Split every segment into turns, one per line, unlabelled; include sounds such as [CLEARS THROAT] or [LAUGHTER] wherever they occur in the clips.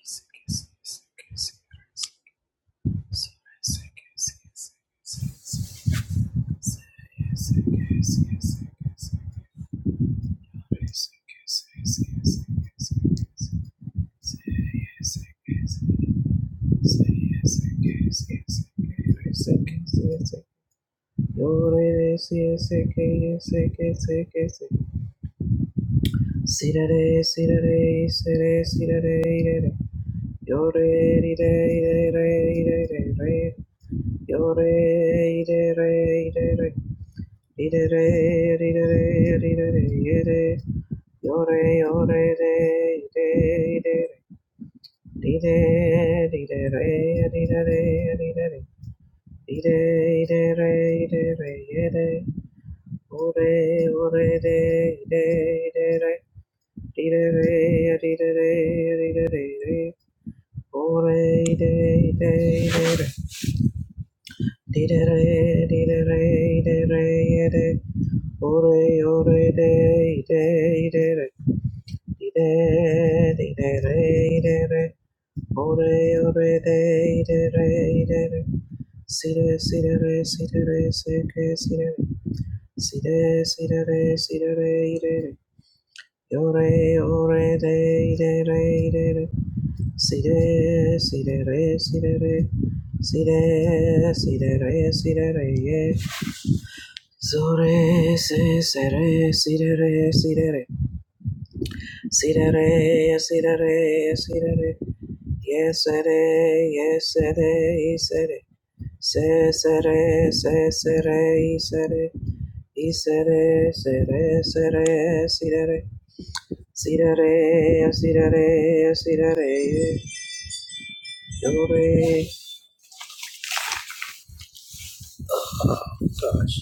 Say, Yore, Dee-da-re, dee-da-re, dee-da-re, de. Ore, ore, de, de, de, re. Dee-da, dee-da-re, de, re. Ore, ore, de, de, re, de, re. Si-de, re si re si-ke, re si Si-de, re si re de, re. Yore, ore, de, de, re, de, re. Si-de, si-de-re, si-de-re. Si-de, re si re Zore se sere sidere sidere sidere sidere sidere yesere yesere isere se sere se sere isere isere sere sere sidere sidere sidere sidere dore gosh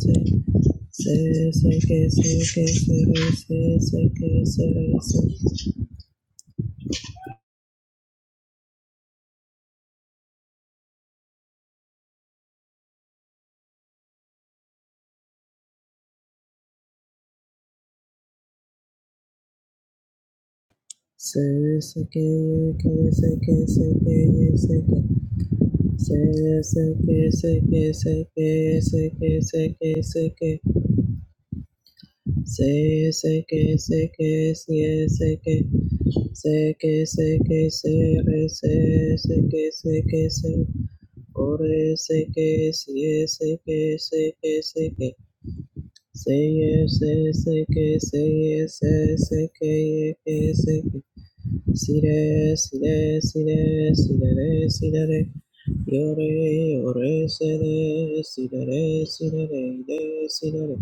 se se se que se que sere se se que sere Yore, ore, sere, sirere, sirere, de, sirere,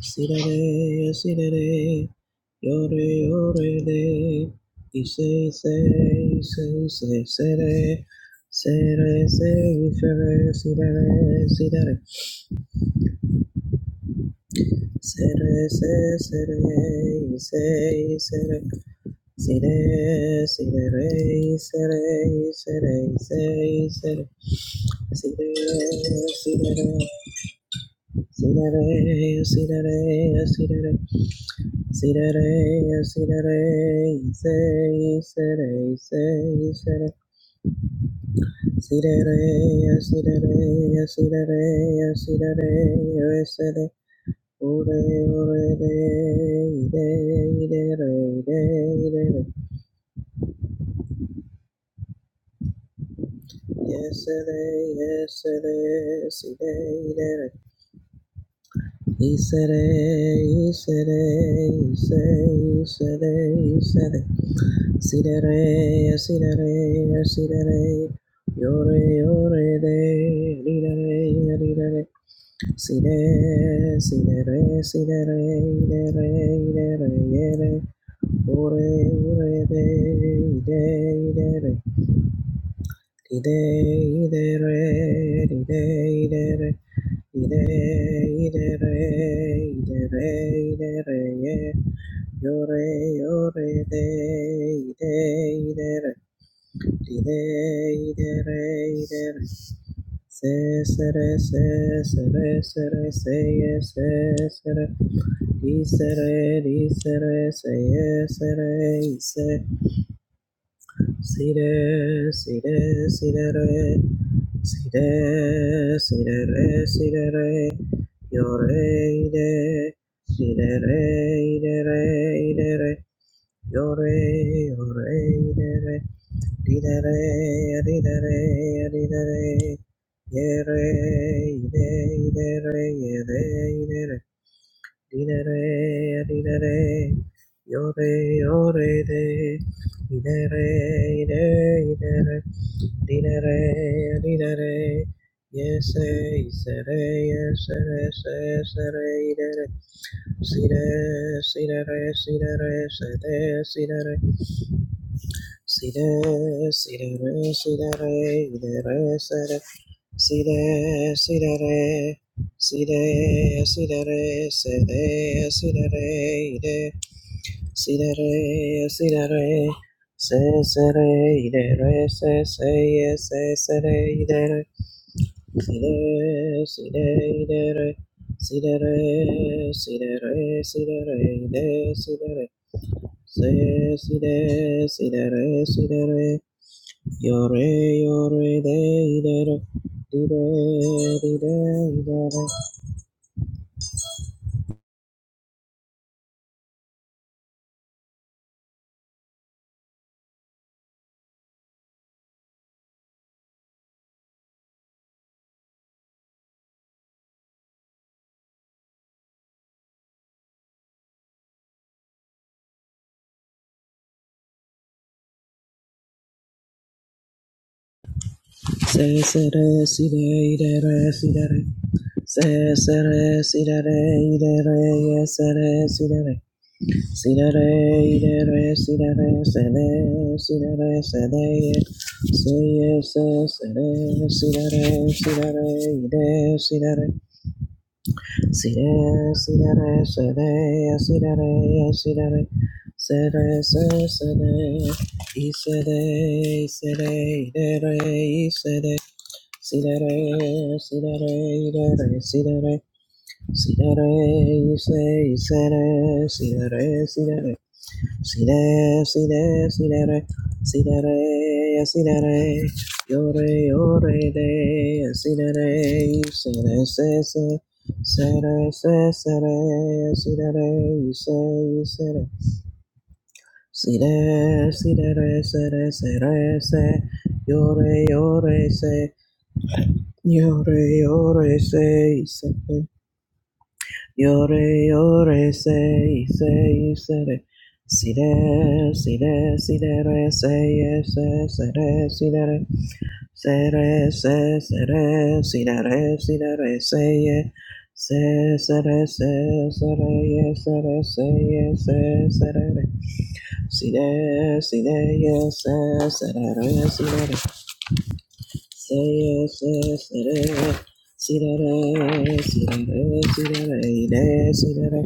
sirere, sirere, yore, yore de, ise, se, ise, se, sere, sere, se, ifere, sirere, sirere, sere, se, sere, ise, isere, sire, sirere, isere, isere, ise, isere, sire sirere, See that A, see that A, see that A, see that A, see that A, say, say, say, say, see that A, see that A, see that A, see that A, say that. Ore, ore, de, de, de, re, de, de, re. Yes, de, yes, de, si, de, de, re. Isere, isere, ise, isere, isere. Sidere, sidere, sidere, yore, yore, de, lidere, lidere, side, sidere, sidere, idere, idere, yere, ore, ore, de, ide, idere, ide, idere, ide, idere, ide, idere, idere, idere, ye, yore, yore, de, ide, idere, Ide, ide, re ide, re. se se re, se se re, se re, se ye, se se re. Di, se re, di, se re, se ye, se re, i, se Yore, yore, yore, yore, yore, yore, Didare, didare, didare, yere, ide, idere, yere, idere, didare, didare, yore, yore, de, idere, ide, idere, didare, didare, yese, isere, yesere, sesere, idere, sire, sidere, sidere, sede, sidere, See there, see there, see there, there, see there, see there, see there, see there, see there, see there, see there, see there, say, say, there, say, say, yes, say, say, there, see there, se se re ide re se se ye se se re ide re si de si de ide re si de re si de re si de re ide si de re se si de si de re si de re Yore, yore, de, de, de, de, de, de, de, de, de. Se, se, re, si, de, de, re, si, de, re. Se, se, re, si, de, re, de, re, ye, se, re, si, de, re. Si, de, re, de, re, si, de, re, se, de, si, de, re, se, de, ye. Se, ye, se, se, re, si, de, re, si, de, re, de, si, de, re. Sire, sire, sire, sire, sire, sire, sire, sire, isere, isere, idere, isere, sire, sire, idere, sire, sire, ise, isere, sire, sire, Si re, si re, si re, re, si re, re, si re, re, yo re, yo re, re, si re, re, se re, se, se, se re, se, se re, si re, re, se, se re, si re, si re, re, se yore, yore, re, se, se, Yore, yore, say, say, sere. Sire, sire, sire, say, say sere, sire. Sere, se, sere, sire, sire, say, se, sere, se, sere, sere, say, se, sere. Sire, sire, se, sere, sire. Say say say Si da re si da re si da re de si da re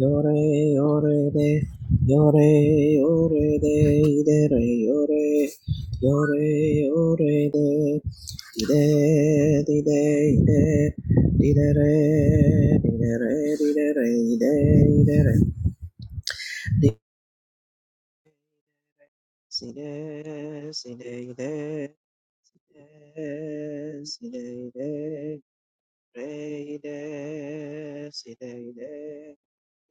yo re yo re de yo re yo re de de re yo re yo re yo re de de de de de di da re di da re di da re de de re di si de si Sire, si sire, sire, Yesterday, yesterday,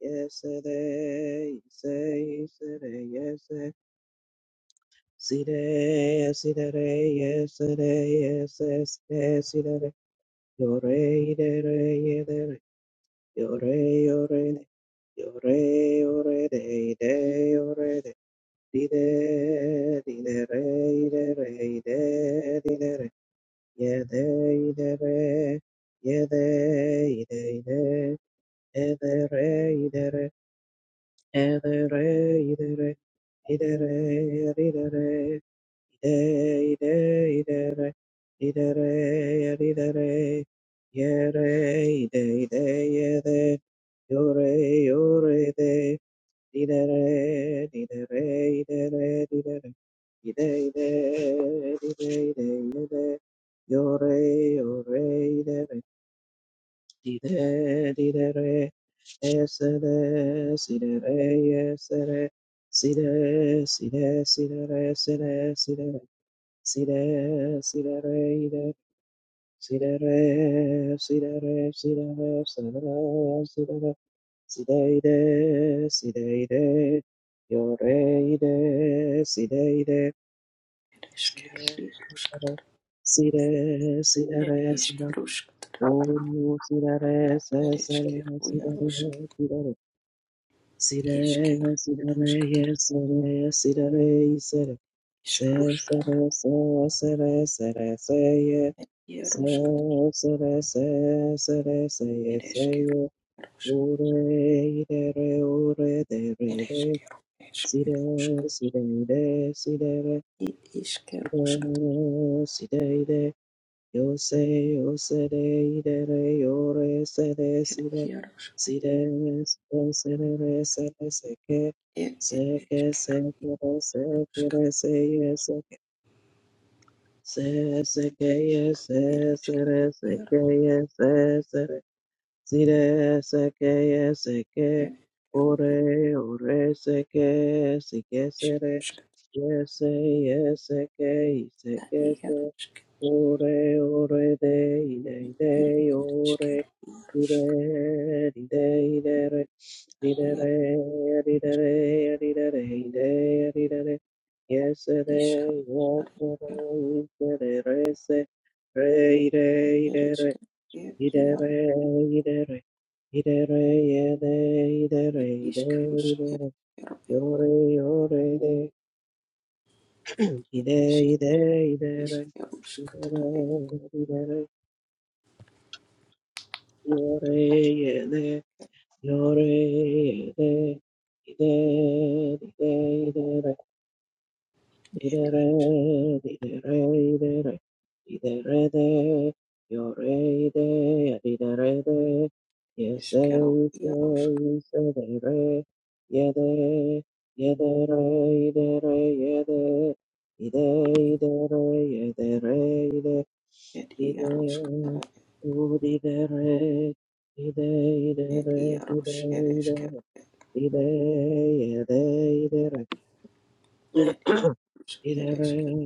yesterday, yesterday, yesterday, yesterday, yesterday, yesterday, yesterday, yore, yere, yere, yore, yore, yore, yore, de, de, yore, de, di, de, di, de, re, de, re, de, di, de, re, ye, de, de, re, yede, ide, ide, Idere idere idere idere idere idere idere idere idere idere idere idere idere idere idere idere ide ide ide ide yede yore yore Di de di de re, esere, si de re, esere, si de, si de, si de re, si de, si de re, si de, si de re, i de, si de re, si de re, si de re, si de re, si de re, si de i de, si de i de, yo re i de, si de i de, si
Ereshkigal
de, si de re,
Yaroshkatar,
si de, si de re, si de re,
Ereshkaroshkatar,
Oh, sirare, se- sirare,
Ereshkigal Yaroshk,
sirare, sirare.
Ereshkigal
Sirare, sirare,
Yaroshkatar,
yes, Sire, sire,
Ereshkaroshkatar, Yaroshkatar, Ereshkigal Yaroshk, Ereshkigal Yaroshk,
sire, sire, sire, de, sidere,
Ereshkigaroshkatar,
sire, sire, de. Yo sé, yo se de, ide iré, yo re, se de si de
Yaroshk,
si de re, seré, sé que, sé que,
Ereshkigaroshkatar,
sé que, re, sé que, re, sé, ye, sé que, sé, sé que, ye, sé,
Ereshkigal
seré,
Yar, Ereshkigal Yaroshkatar, Yaroshk, Ereshkigal
sé
Yar,
que, ye, Sire seke seke ore ore seke seke sere yese yese ke seke se ore ore de ide ide ore ide ide ide re ide re ide re ide re ide ide re yese re yese
Yarishkaroshkatar,
re yese re re se re ide ide re
Ereshkigal Yar,
Idere, idere, idere, yede, idere,
It
ide,
iskerus
idere,
ed ero ed
yore, yore, ide, ide,
isk
ide, idere,
iskerusk tara
idere,
ed
idere, yore, yede, yore, yede, ide, ide,
ed
Didere, didere, didere, didere, de, yore, de, didere, de, yese,
iskero
yese,
iarosk
yese, dere, yede, yedere, yedere, yede, ide, idere, yedere, ide,
ed iarosk
ide,
tara
u, didere, ide,
ed
idere,
iaros
ide,
ed iskero
idere,
ed
ide, yede, idere.
ed iskerus ed
Yore
iskero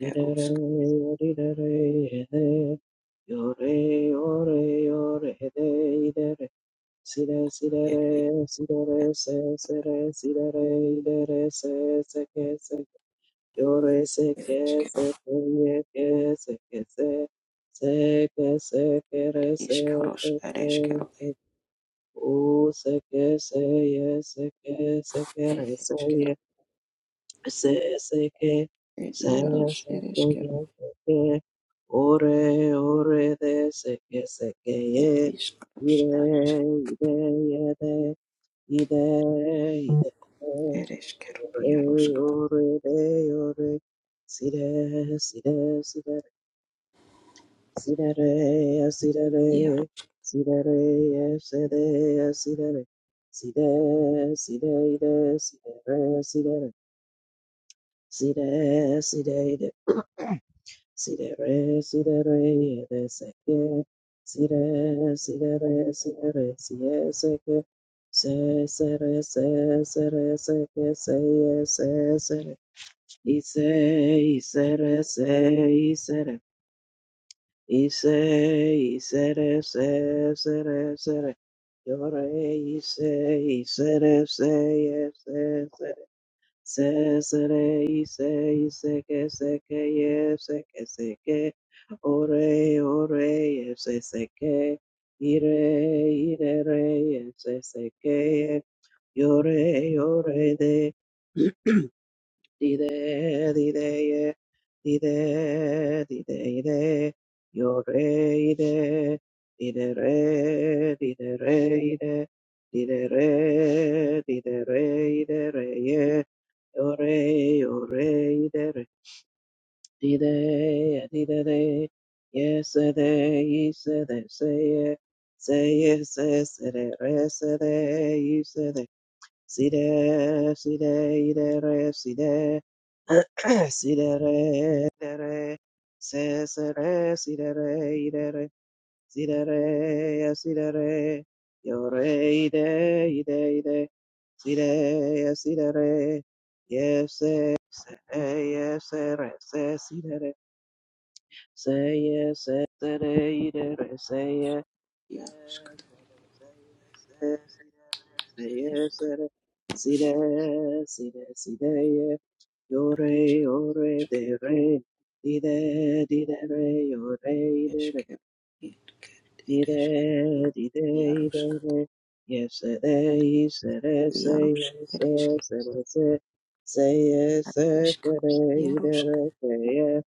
gerusk ed isker ed iskero ed iskerus ed iskero ed
O se que se ye se que se que re
ed
se ye
iskero
se se que
ed
se
iaros
se
ed
que
iskero
ye se que ore ore de se que se que
ed
ye
iskerus ed
ire
iskero
ire ye de ide ide ide
Eres quiero
ore
piaros catar,
ore de ore sire sire sire Sidere,
piaro,
sidere, sidere, sidere, sidere, sidere, sidere, sidere, sidere, sidere, sidere, sidere, sidere, yedeseke, sidere, sidere, sidere, siyeseke, se, sere, se, sere, seke, seye, se, sere, ise, isere, se, isere, Ise, isere, se, sere, sere. Yore, ise, isere, se, ye, se, se. Se, sere, ise, iseke, seke, ye, seke, seke. Ore, ore, ye, se, seke. Ire, ire, re, ye, se, seke, ye. Yore, yore, de. [CLEARS THROAT] Dide, dide, dide, dide, dide, yo re, ide, dide, re, dide, re, ide, dide, re, dide, re, ide, re, ye, yo re, yo re, ide, re, dide, dide, de, yes, de, yes, de, say, say, yes, say, re, re, say, Sire, sire, idere, sire, [CLEARS THROAT] sire, idere, se, sere, sire, idere, sire, sire, yore, ide, ide, ide, sire, sire, yes, se, se yes, sere, se, sire, se, yes, se sere, idere, se, Yes,
piaros catar,
it is, it is, say yes, it is, it is, say yes,
Esquero, esquero,
it
esquero, Yaroska, Yarosk, Eresk,
is,
Aresk,
it
Yarosk,
is,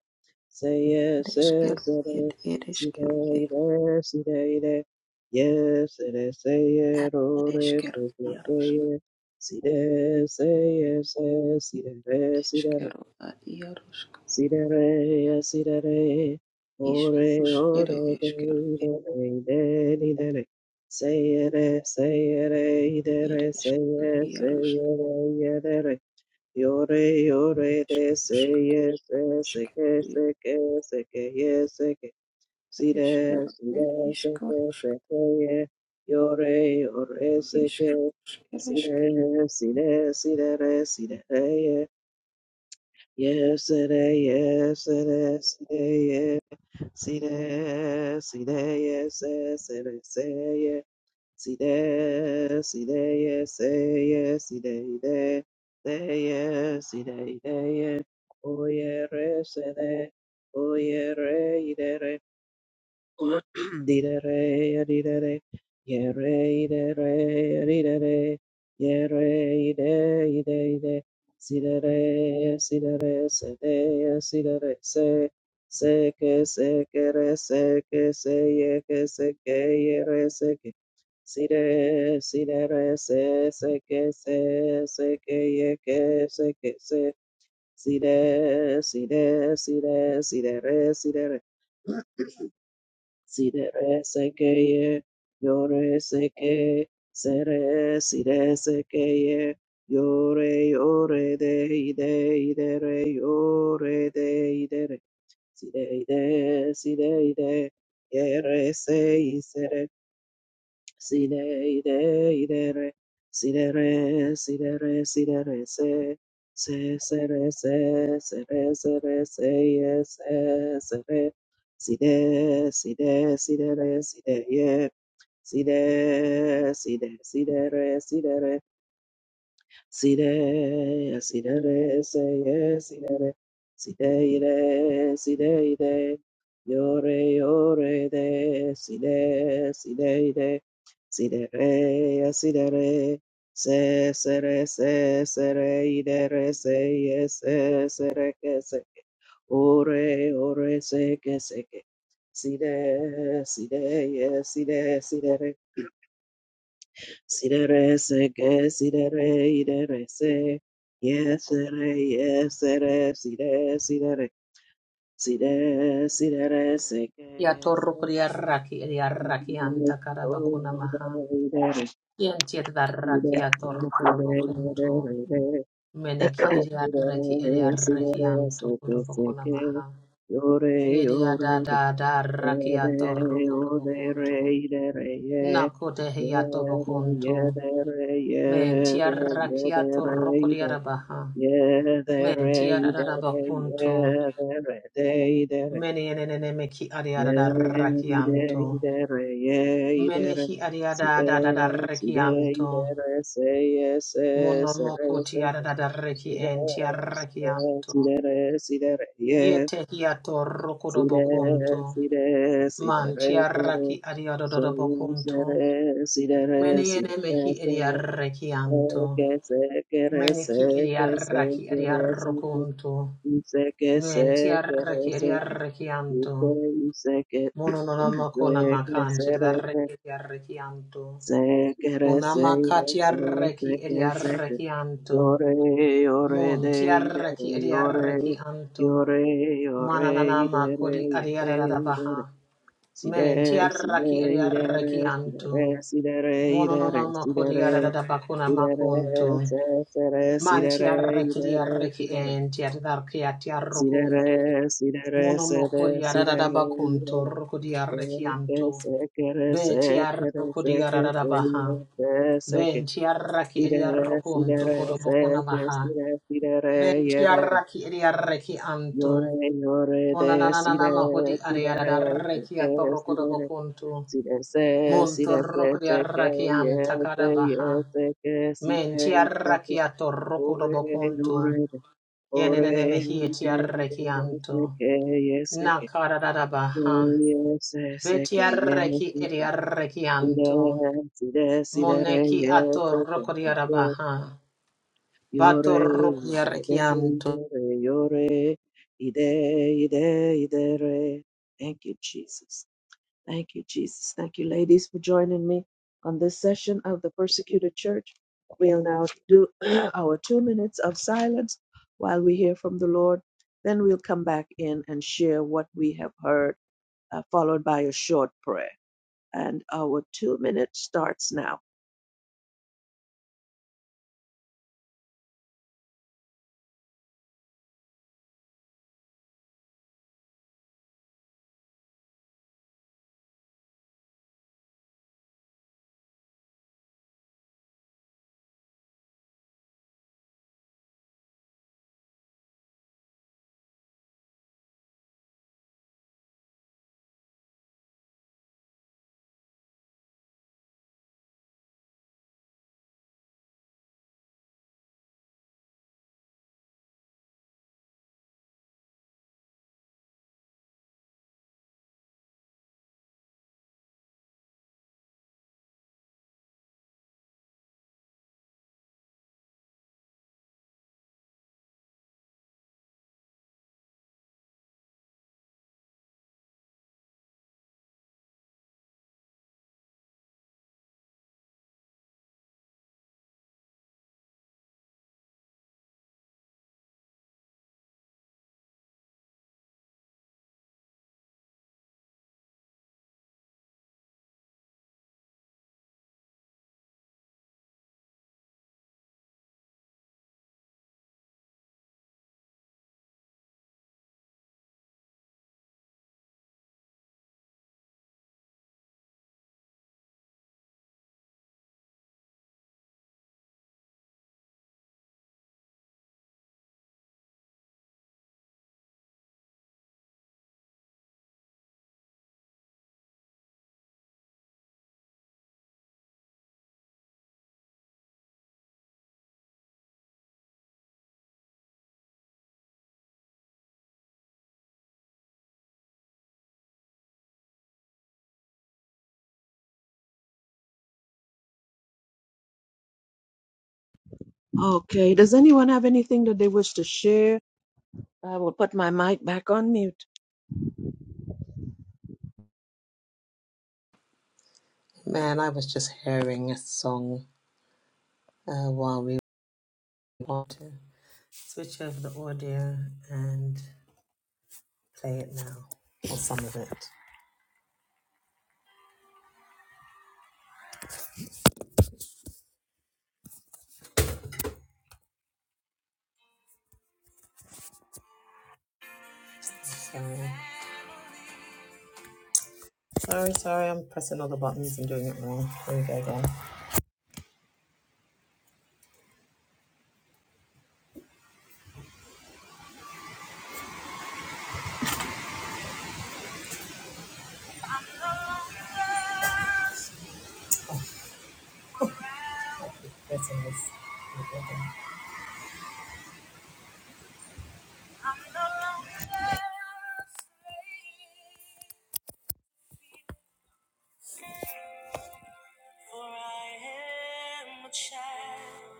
Say yes,
Ereskero,
yes, it
Ed,
is. Si
Ereskero, Ed,
de de, si de de. Yes, it is. Say it, oh, this
Ereskero,
is the say
Yarosk,
it. Si de, say yes, yes, si de de, si de de.
Eskero, Ad, Yarosk,
Si de re, yes, si de re. Ore,
Iskus, Ere,
ore, de,
Eskero,
de, de, de, de, de. Say it, eh, say it, eh, de, re, say
Ereskero,
yes, say
Yarosk,
it, eh, yeah, de, re. Yore yore de se
Iskusk,
yes se
Eskero,
que se que se que yes se que si de
Ereskero,
si
Ed,
de se que
Iskosk,
se que ye yore yore se que si
Iskus,
de si de si de re si de re ye yes se de yes se de si de ye si de si de yes se se de se Si de, si de, ye, se ye, si de, de, de ye, si de, de ye, oye re, se de, oye re, ide re. [CLEARS THROAT] Didere, didere, yere, idere, didere, yere, ide, ide, ide, sidere, sidere, sede, sidere, se, seke, sekere, seke, seyeke, seke, yere, seke, side, sidere, se, seke, se, seke, yeke, seke, se, side, side, side, sidere, sidere, Sidere seke ye, yore seke, sere sire sekeye, yore yore de ide idere, yore de idere, side ide, side ide, yere se Side, ide, idere, sidere, sidere, sidere, se, se, sere, se, sere, sere, se, ye, se, sere, side, side, sidere, side, ye, side, side, sidere, sidere, Sire, sire, re, se, ye, sire, re, sire, ire, sire, ire, yore, yore, de, sire, sire, ire, sire, re, sire, re, se, se, re, se, se, re, ire, re, se, ye, se, se, re, ke, se, ke, ore, ore, se, que, se, ke, sire, sire, ye, sire, sire, re, Siderese, que sidere, iderese, yesere, yesere, side, sidere, side, siderese, que
Kia
yesere,
torrokori arraki eri arraki anta
idere,
karabakuna maha. Kien tiet darraki
idere,
a
sidere,
kurobokuntu.
idere, idere,
Meneki eri arraki eri arraki
sidere, sidere,
anto
seke,
korobokuna maha.
seke,
Eri ada
yore,
da da arraki a
Ere, ode,
torrokorobokuntu.
re, de, re, ye.
Nako tehi a
Yere,
tobokuntu.
yere, re,
Men ti
yere,
arraki a
yere, re,
torrokori
de.
arabaha.
Yere,
Men
re,
ti
de, re,
ararabakuntu.
yere, re, de, de, re.
Meni enenene meki ari
Yere,
arararraki
di, de,
anto.
de, re, ye, de, re.
Menehi
Si,
ariada da da da
de, si, de, de,
rekianto.
re, se, ye, se, se, re,
Monomoko
se, se,
tiarada
si,
reki
de,
en tiarrakianto.
si, de, si, de, re, si, de, re, ye.
Yete hiato
Sire,
rokodobokunto.
sire, sire,
Man
re, sire.
tiarraki
Soy,
adiadodobokunto.
sire, sire, re,
Meni
sire,
enemehi
re,
mehi
sire. Sé
ediarrakianto.
que sé que re,
Meni ki
sé que sé
ediarraki
que re, sé que.
adiarrokunto.
Y sé que
Men
sé que re,
tiarraki
sé que. Y
adiarrakianto.
sé, y sé que. [CLEARS THROAT] Sé
Mononomoko
que
namakan
sé, re,
tiarraki
sé.
adiarrakianto.
Sé que re, sé, y re, sé,
Unamakatiarraki
sé que sé que.
ediarrakianto.
Lloré, lloré,
Mon
de, y de,
tiarraki
de, lloré.
ediarraki anto.
Lloré, lloré, y de,
Manananama
de,
kodi
y de, de, y de, de.
adiaradabaha.
Si
Men
re, si
tiarraki
re, i re,
ediarraki
re, si re,
anto.
re, si re, re, i re, re,
Monononama
si re,
kodi
re, si re,
adadabakuna
re,
makunto.
se, se, re, si
Man
re, re, i
tiarraki
re,
ediarraki
re,
en tiarraki
si re,
atiarrokunto.
re, si re, re, si
Monomo
re, re, se,
kodi
re, si re, re, i
adadabakunto
re,
rokodiarraki anto.
re, se, que,
Be
se, que, re,
tiarrokodi
se, que,
adadabaha.
re, se, que, se,
Ben tiarraki
i de
ediarrokunto
re, se,
kodobokuna
se, que, i re, si re, re, se, que,
maha.
si re, si re, re, i
Menti
re, re,
arraki edi arreki
yo
anto.
re, yo re, de, si
Onananana
re,
mahudi
si re,
ariada
re, se,
arreki
que,
atoroko
si
do
re, re,
bokunto.
Si re se, si
Munto
re ke
roko di
se ke
arraki
ye se
antakada
ye
baha.
se ke si ke
Menti
i se ke
arraki atoroko do
ore
bokunto.
ore de ore
Yenene mehieti
de
arreki
ore
anto.
se ke ye se ke
Nakada da
ye
baha.
ye se se
Beti
ke ye
arreki
se
edi
ke
arreki
si
anto.
re si re si re re
Moneki
ye se ke
atoroko di
se ke
arabaha.
yore
Batoroko di
yore
arreki anto.
yore yore ide ide ide re Thank you, Jesus. Thank you, Jesus. Thank you, ladies, for joining me on this session of the persecuted church. We'll now do [CLEARS THROAT] our two minutes of silence while we hear from the Lord. Then we'll come back in and share what we have heard, uh, followed by a short prayer. And our two minutes starts now. Okay, does anyone have anything that they wish to share? I will put my mic back on mute.
Man, I was just hearing a song. uh, while we want to switch over the audio and play it now, or some of it. Sorry, sorry, sorry I'm pressing all the buttons and doing it wrong. Here we go again. Keep Pressing this. Here we go again. For I am a child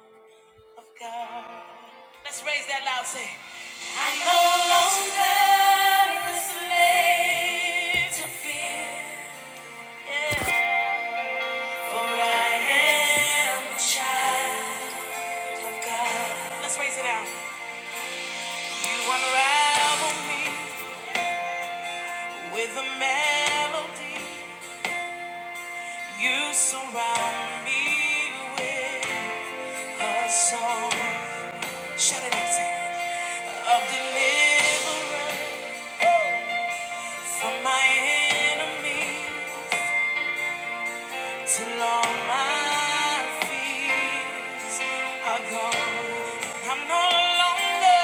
of God. Let's raise that loud say. I'm no longer a slave to fear. Yeah. For I am a child of God. Let's raise it out. You unravel me with a melody. You surround me with a song. Shout it out, say, Of deliverance from my enemies till all my fears are gone. I'm no longer,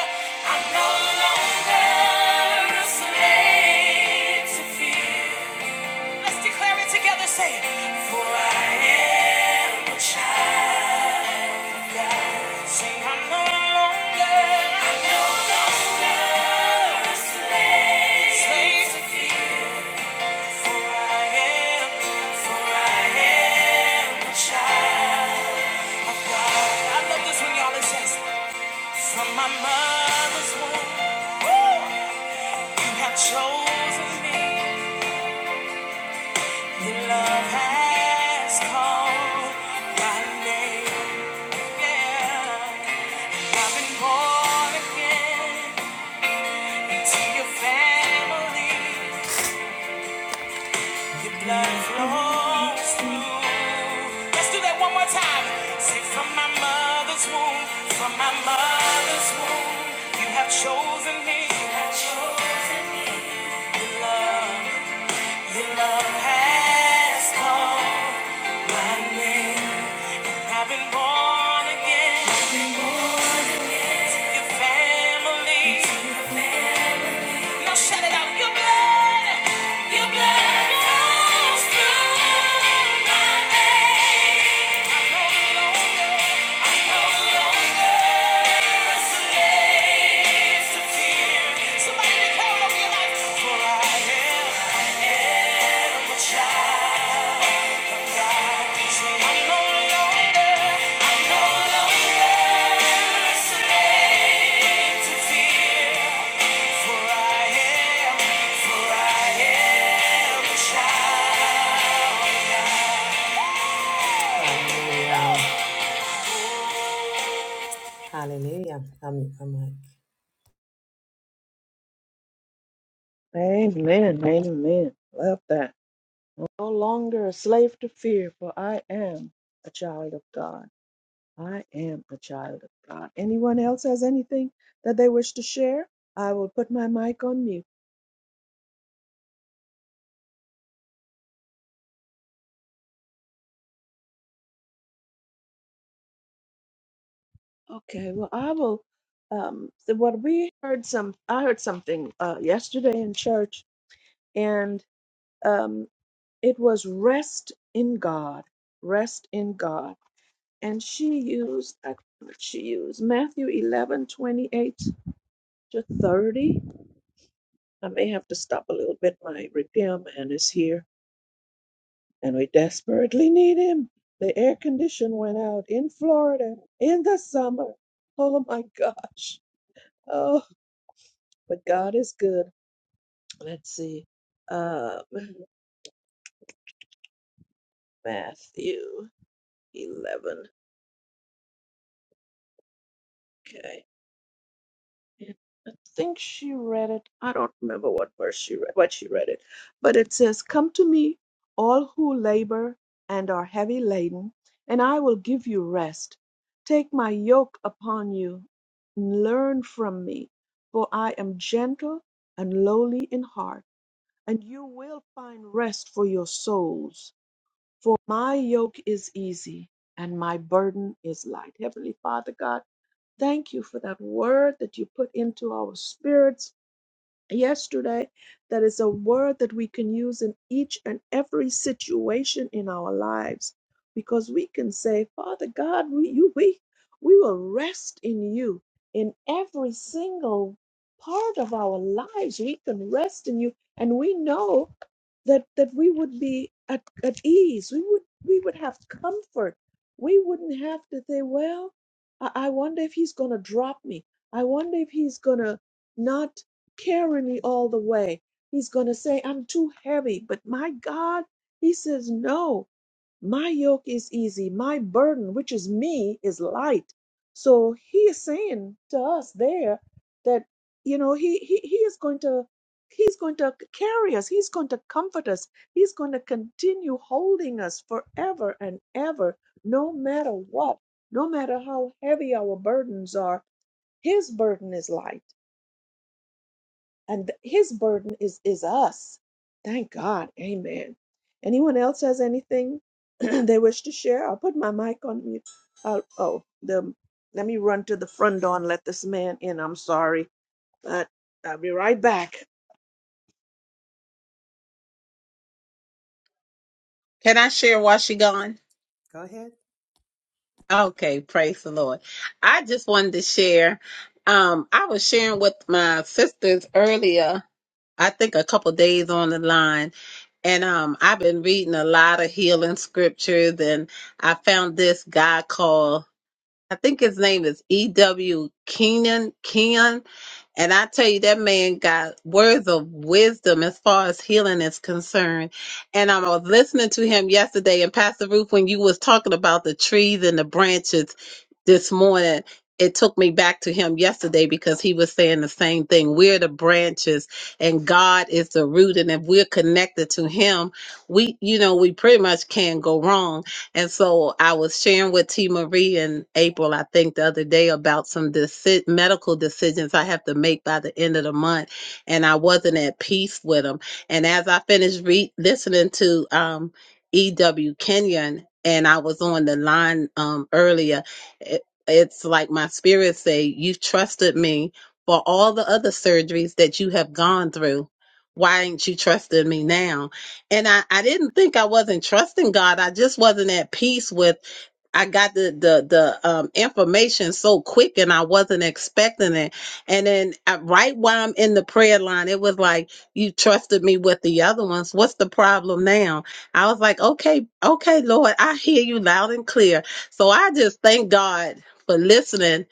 I'm no longer a slave to fear. Let's declare it together, say, For I am a child. Say, I'm no longer, I'm no longer a slave to fear. From my mother's womb, you have chosen me. Your love has called my name. Yeah. I've been born again into your family. Let's do that one more time. Say, from my mother's womb, from my mother's womb, you have chosen me. You have chosen me. Your love, your love has called my name. I've been born again. I've been born Your family. Now shout it out. Your blood, your blood runs through my veins. I'm no longer, I'm no longer a slave to fear. Somebody declare it over your life. For I am a child of God. I'm no longer, I'm no longer a slave to fear. For Hallelujah. I'm, I'm like,
Amen. Amen. Love that. no longer a slave to fear, for I am a child of God. I am a child of God. Anyone else has anything that they wish to share? I will put my mic on mute. Okay, well, I will. Um, so what we heard some, I heard something uh, yesterday in church, and um, it was rest in God, rest in God. And she used, I- forgot what she used Matthew eleven twenty eight to 30 I may have to stop a little bit. My repairman is here, and we desperately need him. The air condition went out in Florida in the summer. Oh my gosh. Oh, but God is good. Let's see. Um, [CLEARS THROAT] Matthew 11. Okay. And I think she read it. I don't remember what verse she read, what she read it, but it says, "Come to me, all who labor and are heavy laden, and I will give you rest. Take my yoke upon you and learn from me, for I am gentle and lowly in heart, and you will find rest for your souls. For my yoke is easy and my burden is light." Heavenly Father God, Thank you for that word that you put into our spirits yesterday. That is a word that we can use in each and every situation in our lives because we can say, Father God, we, you, we, we will rest in you in every single part of our lives. We can rest in you. And we know that that we would be at, at ease we would we would have comfort we wouldn't have to say well i, I wonder if he's going to drop me i wonder if he's going to not carry me all the way he's going to say i'm too heavy but my god he says no my yoke is easy, my burden, which is me, is light. So he is saying to us there that you know he he, he is going to he's going to carry us, he's going to comfort us, he's going to continue holding us forever and ever, no matter what, no matter how heavy our burdens are, his burden is light and his burden is is us thank god amen anyone else has anything [CLEARS THROAT] they wish to share i'll put my mic on mute I'll, oh the let me run to the front door and let this man in i'm sorry but i'll be right back
Can I share while she gone?
go ahead.
Okay, praise the Lord. I just wanted to share. Um, I was sharing with my sisters earlier. I think a couple days on the line, and um, I've been reading a lot of healing scriptures, and I found this guy called. I think his name is E.W. Kenyon. Kenyon. And I tell you, that man got words of wisdom as far as healing is concerned. And I was listening to him yesterday, and Pastor Ruth, when you was talking about the trees and the branches this morning, it took me back to him yesterday because he was saying the same thing. We're the branches, and God is the root. And if we're connected to Him, we, you know, we pretty much can't go wrong and so I was sharing with T. Marie and April, I think the other day about some deci- medical decisions I have to make by the end of the month. And I wasn't at peace with them. And as I finished re- listening to um, E.W. Kenyon, and I was on the line um, earlier, it, it's like my spirit say, you've trusted me for all the other surgeries that you have gone through. Why ain't you trusting me now? and I, I didn't think I wasn't trusting God. I just wasn't at peace with I got the the the um, information so quick and I wasn't expecting it. And then uh, right while I'm in the prayer line, it was like you trusted me with the other ones. What's the problem now? I was like, okay, okay, Lord, I hear you loud and clear. So I just thank God for listening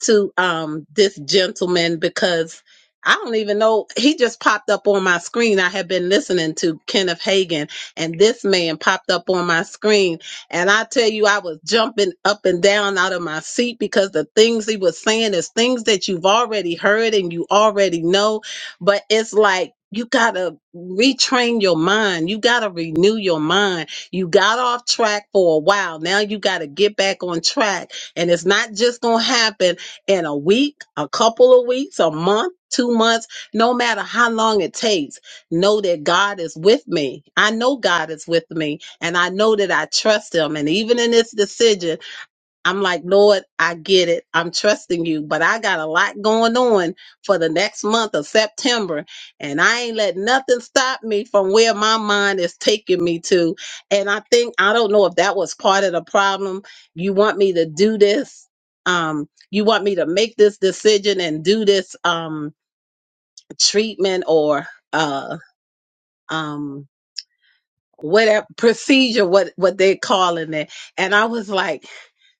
to um this gentleman because I don't even know he just popped up on my screen. I had been listening to Kenneth Hagan and this man popped up on my screen and I tell you I was jumping up and down out of my seat because the things he was saying is things that you've already heard and you already know, but it's like you got to retrain your mind. You got to renew your mind. You got off track for a while. Now you got to get back on track. And it's not just going to happen in a week, a couple of weeks, a month, two months, no matter how long it takes, know that God is with me. I know God is with me and I know that I trust him. And even in this decision, I'm like, Lord, I get it. I'm trusting you, but I got a lot going on for the next month of September. And I ain't let nothing stop me from where my mind is taking me to. And I think, I don't know if that was part of the problem. You want me to do this. Um, you want me to make this decision and do this um treatment or uh um whatever procedure, what what they're calling it. And I was like,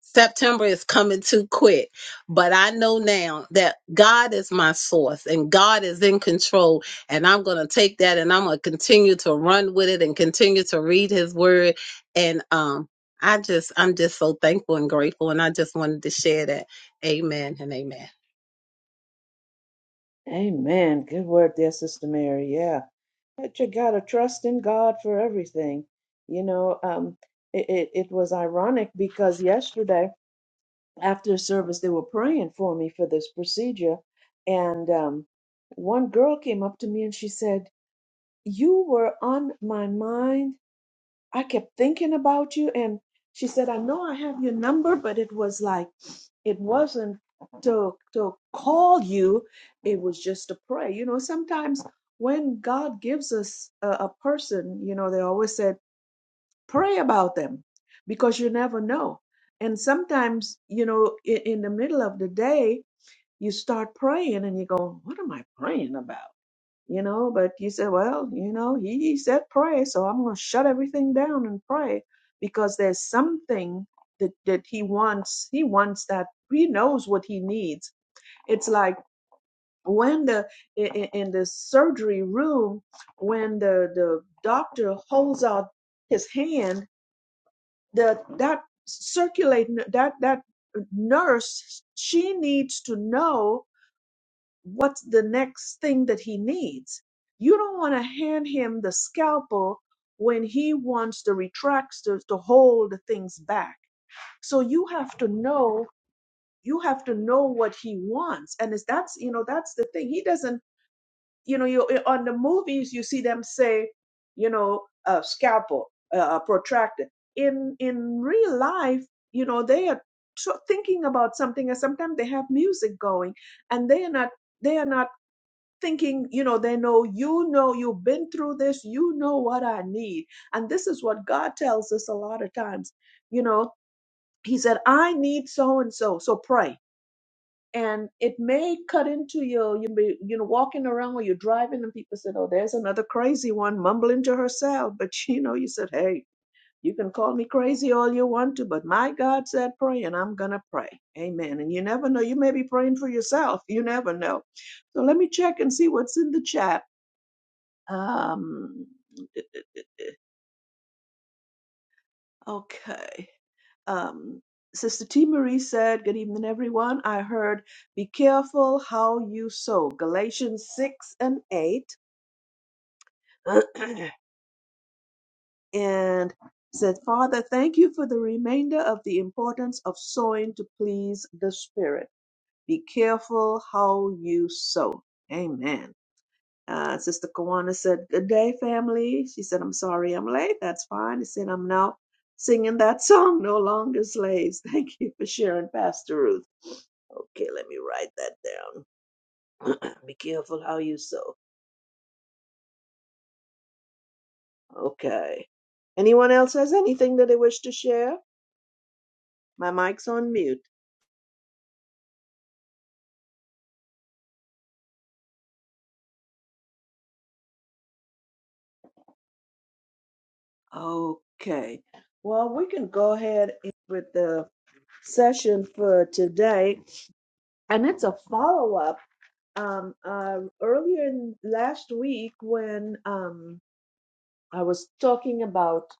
September is coming too quick, but I know now that God is my source and God is in control. And I'm going to take that and I'm going to continue to run with it and continue to read his word. And um, I just, I'm just so thankful and grateful. And I just wanted to share that. Amen and amen.
amen good word there sister mary yeah but you gotta trust in god for everything you know um it, it, it was ironic because yesterday after service, they were praying for me for this procedure. And um, one girl came up to me and she said, You were on my mind. I kept thinking about you. And she said, I know I have your number, but it was like, it wasn't to, to call you, it was just to pray. You know, sometimes when God gives us a, a person, you know, they always said, pray about them because you never know. And sometimes, you know, in, in the middle of the day, you start praying and you go, What am I praying about? You know, but you say, Well, you know, he, he said pray, so I'm going to shut everything down and pray because there's something that, that he wants. He wants that. He knows what he needs. It's like when the in, in in the surgery room when the the doctor holds out his hand the that circulating that that nurse she needs to know what's the next thing that he needs you don't want to hand him the scalpel when he wants the retractors to hold things back so you have to know you have to know what he wants and is that's you know that's the thing he doesn't you know, you uh, on the movies you see them say, you know, a scalpel, a, protractor. In in real life, you know, they are tr- thinking about something, and sometimes they have music going, and they are not they are not thinking, you know, they know you know you've been through this, you know what I need, and this is what God tells us a lot of times, you know. He said, "I need so and so, so pray." and it may cut into your you may you know walking around or you're driving and people said oh there's another crazy one mumbling to herself but [LAUGHS] you know you said hey you can call me crazy all you want to but my god said pray and i'm gonna pray amen and you never know you may be praying for yourself you never know so let me check and see what's in the chat um [LAUGHS] okay Um, Sister T. Marie said, Good evening, everyone. I heard, Be careful how you sow. Galatians 6 and 8." [CLEARS THROAT] and said, Father, thank you for the remainder of the importance of sowing to please the Spirit. Be careful how you sow. Amen. Uh, Sister Kawana said, Good day, family. She said, I'm sorry I'm late. That's fine. She said, I'm now singing that [LAUGHS] song, No Longer Slaves. [LAUGHS] Thank you for sharing, Pastor Ruth. Okay, let me write that down. [CLEARS THROAT] Be careful how you sew. Okay. Anyone else has anything that they wish to share? My mic's on mute. Okay. Well, we can go ahead with the session for today, and it's a follow up. Um, uh, earlier in last week, when um, I was talking about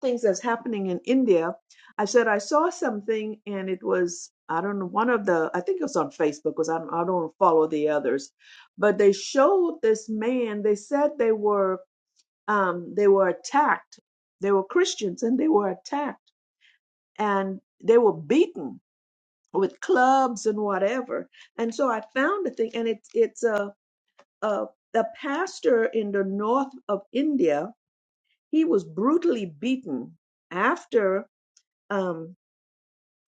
things that's happening in India. I said I saw something, and it was I don't know one of the I think it was on Facebook because I don't, I don't follow the others, but they showed this man. They said they were um, they were attacked. They were Christians and they were attacked and they were beaten with clubs and whatever. And so I found a thing, and it's it's a a, a pastor in the north of India he was brutally beaten after um,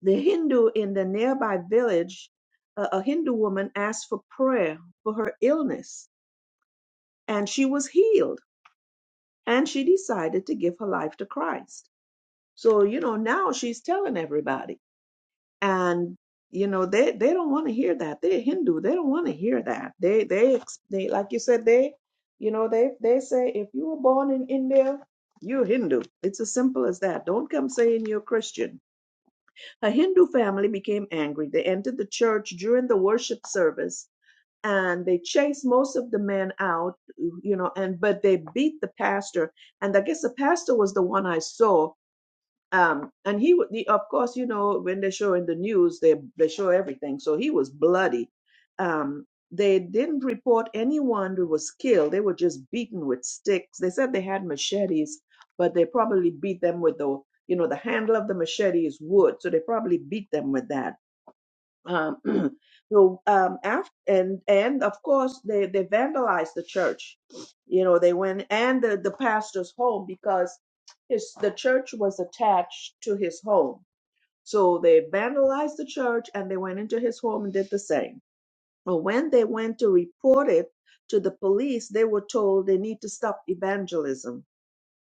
the Hindu in the nearby village, a, a Hindu woman asked for prayer for her illness, and she was healed, and she decided to give her life to Christ. So, you know, now she's telling everybody. and you know they they don't want to hear that they're hindu they don't want to hear that they they ex- they like you said they you know they they say if you were born in india you're hindu it's as simple as that don't come saying you're christian a hindu family became angry they entered the church during the worship service and they chased most of the men out you know and but they beat the pastor and i guess the pastor was the one i saw um and he would the, of course you know when they show in the news they they show everything so he was bloody um they didn't report anyone who was killed they were just beaten with sticks they said they had machetes but they probably beat them with the you know the handle of the machete is wood so they probably beat them with that um, [CLEARS THROAT] so um, after and and of course they they vandalized the church you know they went and the, the pastor's home because his the church was attached to his home so they vandalized the church and they went into his home and did the same but when they went to report it to the police they were told they need to stop evangelism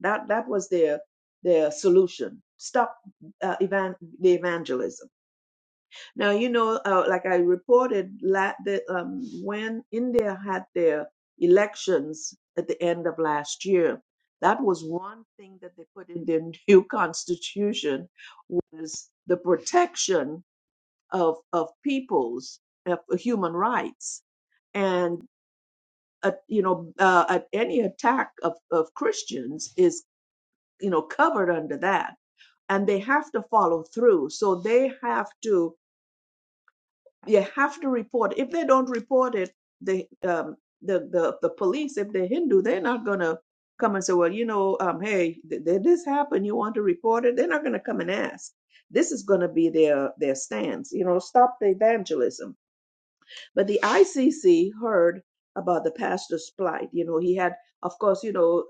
that that was their their solution stop uh, evan- the evangelism now, you know, uh, like I reported, la- that um, when India had their elections at the end of last year, that was one thing that they put in their [LAUGHS] new constitution was the protection of of peoples of human rights, and uh, you know, uh, at any attack of of Christians is you know covered under that, and they have to follow through. So they have to you have to report if they don't report it the um the the, the police if they're hindu they're not gonna come and say well you know um hey th- th- this happened you want to report it they're not gonna come and ask this is gonna be their their stance you know stop the evangelism but the ICC heard about the pastor's plight. You know, he had, of course, you know,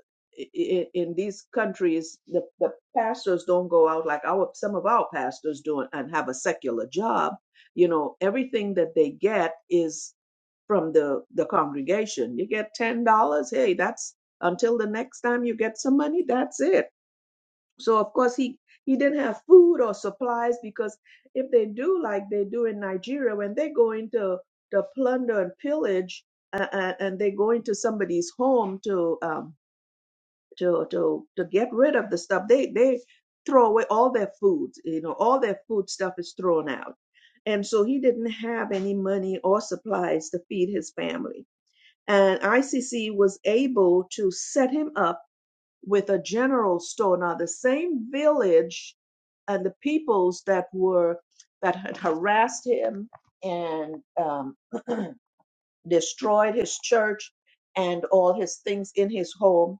in, in these countries, the, the pastors don't go out like our some of our pastors do and have a secular job. You know, everything that they get is from the the congregation. You get ten dollars. Hey, that's until the next time you get some money. That's it so of course he he didn't have food or supplies because if they do like they do in Nigeria, when they go into the plunder and pillage, uh, uh, and they go into somebody's home to um to to to get rid of the stuff, they they throw away all their food. You know, all their food stuff is thrown out, and so he didn't have any money or supplies to feed his family. And ICC was able to set him up with a general store. Now, the same village and the peoples that were that had harassed him and um, [CLEARS THROAT] destroyed his church and all his things in his home,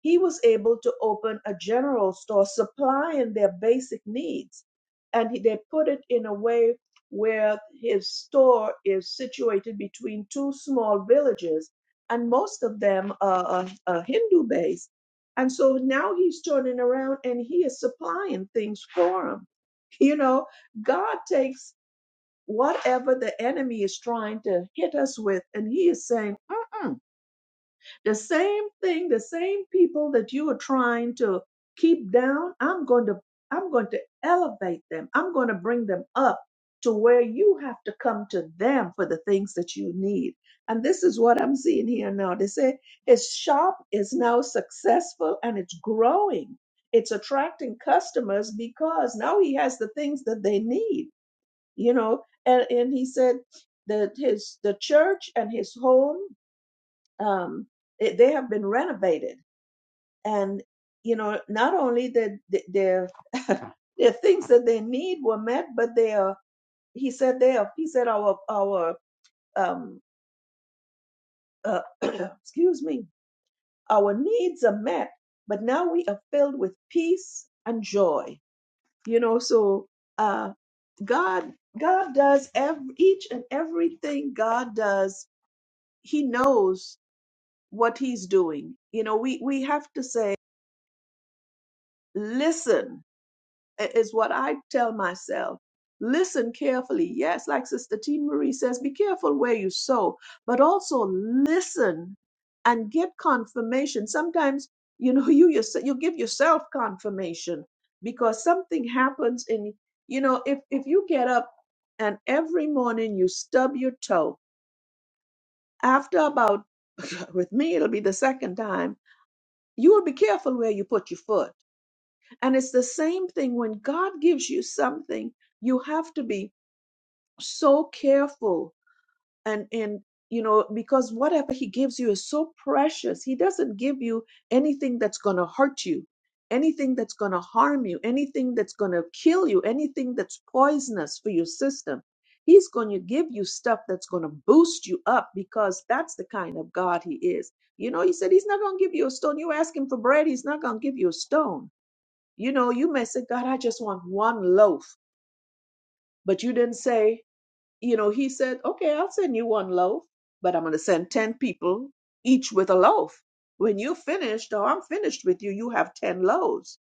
he was able to open a general store supplying their basic needs. And he- they put it in a way where his store is situated between two small villages, and most of them are, are, are Hindu based. And so now he's turning around and he is supplying things for them. You know, God takes whatever the enemy is trying to hit us with. And he is saying, Mm-mm. the same thing, the same people that you are trying to keep down, I'm going to, I'm going to elevate them. I'm going to bring them up to where you have to come to them for the things that you need. And this is what I'm seeing here now. They say his shop is now successful and it's growing. It's attracting customers because now he has the things that they need you know and, and he said that his the church and his home um it, they have been renovated and you know not only that the, their [LAUGHS] their things that they need were met but they are he said they are he said our our um uh, [CLEARS THROAT] excuse me our needs are met but now we are filled with peace and joy you know so uh god god does every each and everything god does he knows what he's doing. You know, we, we have to say, listen, i- is what I tell myself. Listen carefully. Yes, like Sister T. Marie says, be careful where you sow, but also listen and get confirmation. Sometimes, you know, [LAUGHS] you yourself, you give yourself confirmation because something happens in, you know, if, if you get up and every morning you stub your toe after about, [LAUGHS] with me, it'll be the second time You will be careful where you put your foot. And it's the same thing when God gives you something, you have to be so careful and and you know because whatever he gives you is so precious he doesn't give you anything that's going to hurt you anything that's going to harm you anything that's going to kill you anything that's poisonous for your system he's going to give you stuff that's going to boost you up because that's the kind of god he is you know he said he's not going to give you a stone you ask him for bread he's not going to give you a stone you know you may say god i just want one loaf but you didn't say you know, he said, okay, I'll send you one loaf, but I'm going to send 10 people each with a loaf. When you're finished or I'm finished with you, you have 10 loaves.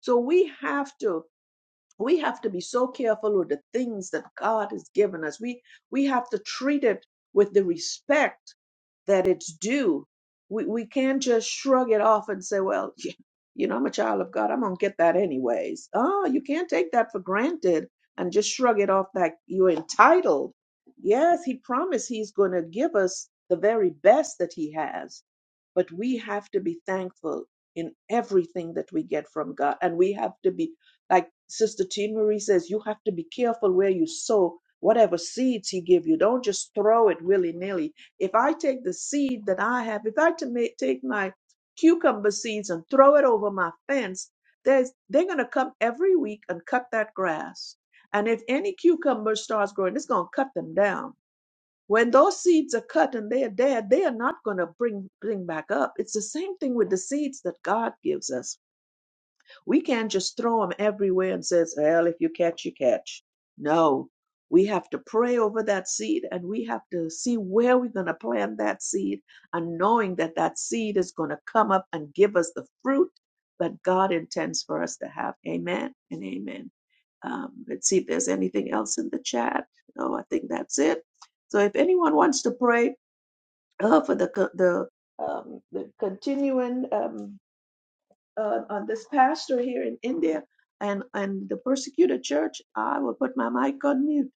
So we have to we have to be so careful with the things that God has given us. We we have to treat it with the respect that it's due. We, we can't just shrug it off and say, well, [LAUGHS] you know, I'm a child of God. I'm going to get that anyways. Oh, you can't take that for granted and just shrug it off that you're entitled. Yes, he promised he's going to give us the very best that he has but we have to be thankful in everything that we get from God. And we have to be, like Sister T. Marie says, you have to be careful where you sow whatever seeds He give you. Don't just throw it willy nilly. If I take the seed that I have, if I to ma- take my cucumber seeds and throw it over my fence, there's, they're going to come every week and cut that grass. And if any cucumber starts growing, it's going to cut them down when those seeds are cut and they are dead, they are not going to bring bring back up. It's the same thing with the seeds that God gives us we can't just throw them everywhere and says, well, if you catch, you catch. No, we have to pray over that seed and we have to see where we're going to plant that seed and knowing that that seed is going to come up and give us the fruit that God intends for us to have. Amen and amen. Um, let's see if there's anything else in the chat. No, I think that's it. So if anyone wants to pray uh, for the co- the um, the continuing um, uh, on this pastor here in India and and the persecuted church, I will put my mic on mute.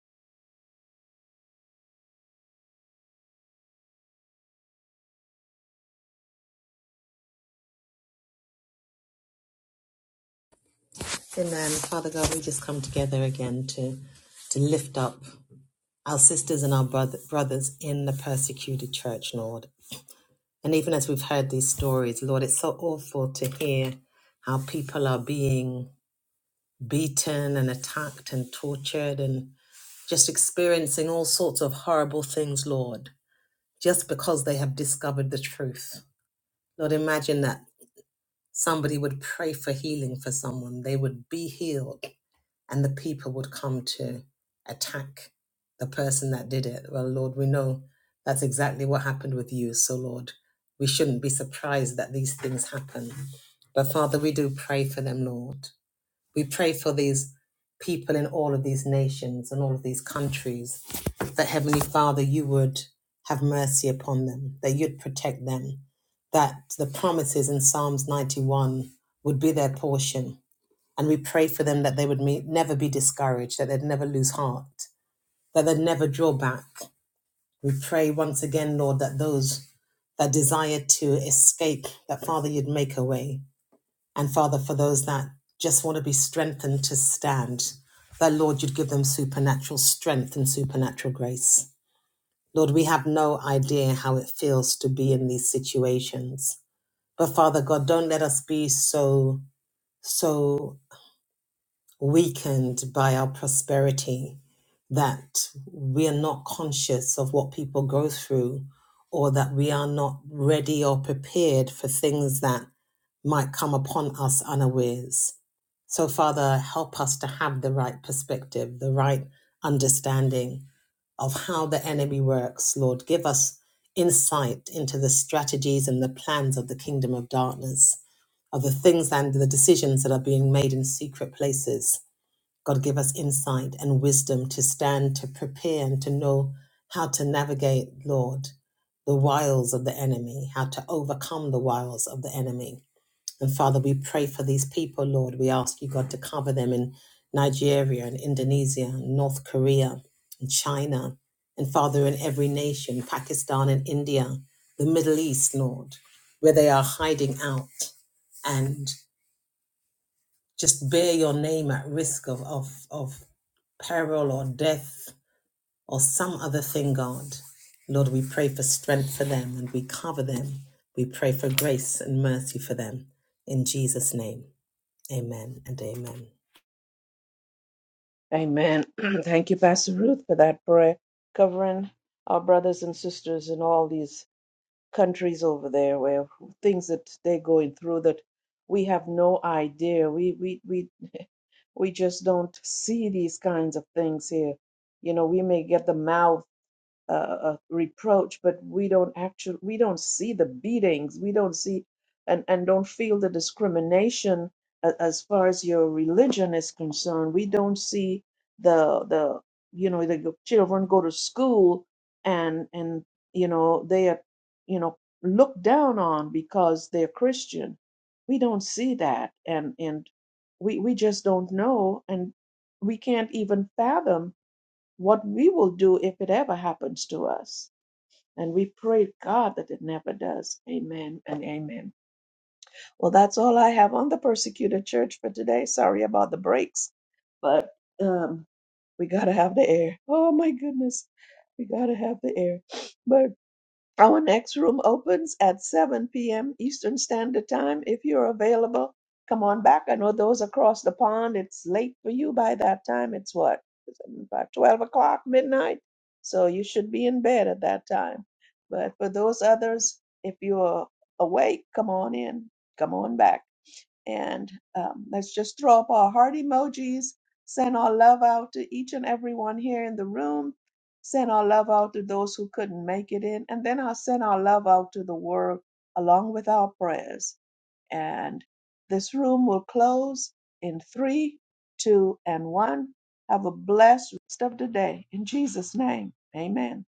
Amen. Father God, we just come together again to to lift up our sisters and our brother, brothers in the persecuted church, Lord. And even as we've heard these stories, Lord, it's so awful to hear how people are being beaten and attacked and tortured and just experiencing all sorts of horrible things, Lord. just because they have discovered the truth. Lord, imagine that somebody would pray for healing for someone, they would be healed, and the people would come to attack the person that did it. Well, Lord, we know that's exactly what happened with you. So, Lord, we shouldn't be surprised that these things happen. But, Father, we do pray for them, Lord. We pray for these people in all of these nations and all of these countries that Heavenly Father, you would have mercy upon them, that you'd protect them, that the promises in Psalms 91 would be their portion. And we pray for them that they would me- never be discouraged, that they'd never lose heart, that they'd never draw back. We pray once again, Lord, that those that desire to escape, that Father, you'd make a way, and Father, for those that just want to be strengthened to stand, that Lord, you'd give them supernatural strength and supernatural grace. Lord, we have no idea how it feels to be in these situations. But Father God, don't let us be so, so weakened by our prosperity, that we are not conscious of what people go through, or that we are not ready or prepared for things that might come upon us unawares. So, Father, help us to have the right perspective, the right understanding of how the enemy works, Lord. Give us insight into the strategies and the plans of the kingdom of darkness, of the things and the decisions that are being made in secret places God, give us insight and wisdom to stand, to prepare, and to know how to navigate, Lord, the wiles of the enemy, how to overcome the wiles of the enemy. And Father, we pray for these people, Lord. We ask you, God, to cover them in Nigeria and Indonesia, and North Korea and China, and Father, in every nation, Pakistan and India, the Middle East, Lord, where they are hiding out and just bear your name at risk of, of, of peril or death or some other thing, God. Lord, we pray for strength for them and we cover them. We pray for grace and mercy for them. In Jesus' name, amen and amen.
Amen. [CLEARS THROAT] Thank you, Pastor Ruth, for that prayer covering our brothers and sisters in all these countries over there where things that they're going through that we have no idea. We we we we just don't see these kinds of things here. You know, we may get the mouths. uh, uh, reproach, but we don't actually we don't see the beatings, we don't see and and don't feel the discrimination a- as far as your religion is concerned. We don't see the the you know the children go to school and and you know they are you know looked down on because they're Christian. We don't see that, and and we we just don't know, and we can't even fathom what we will do if it ever happens to us. And we pray, God, that it never does. Amen and amen. Well, that's all I have on the persecuted church for today. Sorry about the breaks, but um, we got to have the air. Oh, my goodness. We got to have the air. But our next room opens at 7 p.m. Eastern Standard Time. If you're available, come on back. I know those across the pond, it's late for you by that time. It's what? About 12 o'clock, midnight. So you should be in bed at that time. But for those others, if you're awake, come on in. Come on back. And um, let's just throw up our heart emojis, send our love out to each and everyone here in the room, send our love out to those who couldn't make it in, and then I'll send our love out to the world along with our prayers. And this room will close in three, two, and one. Have a blessed rest of the day. In Jesus' name, amen.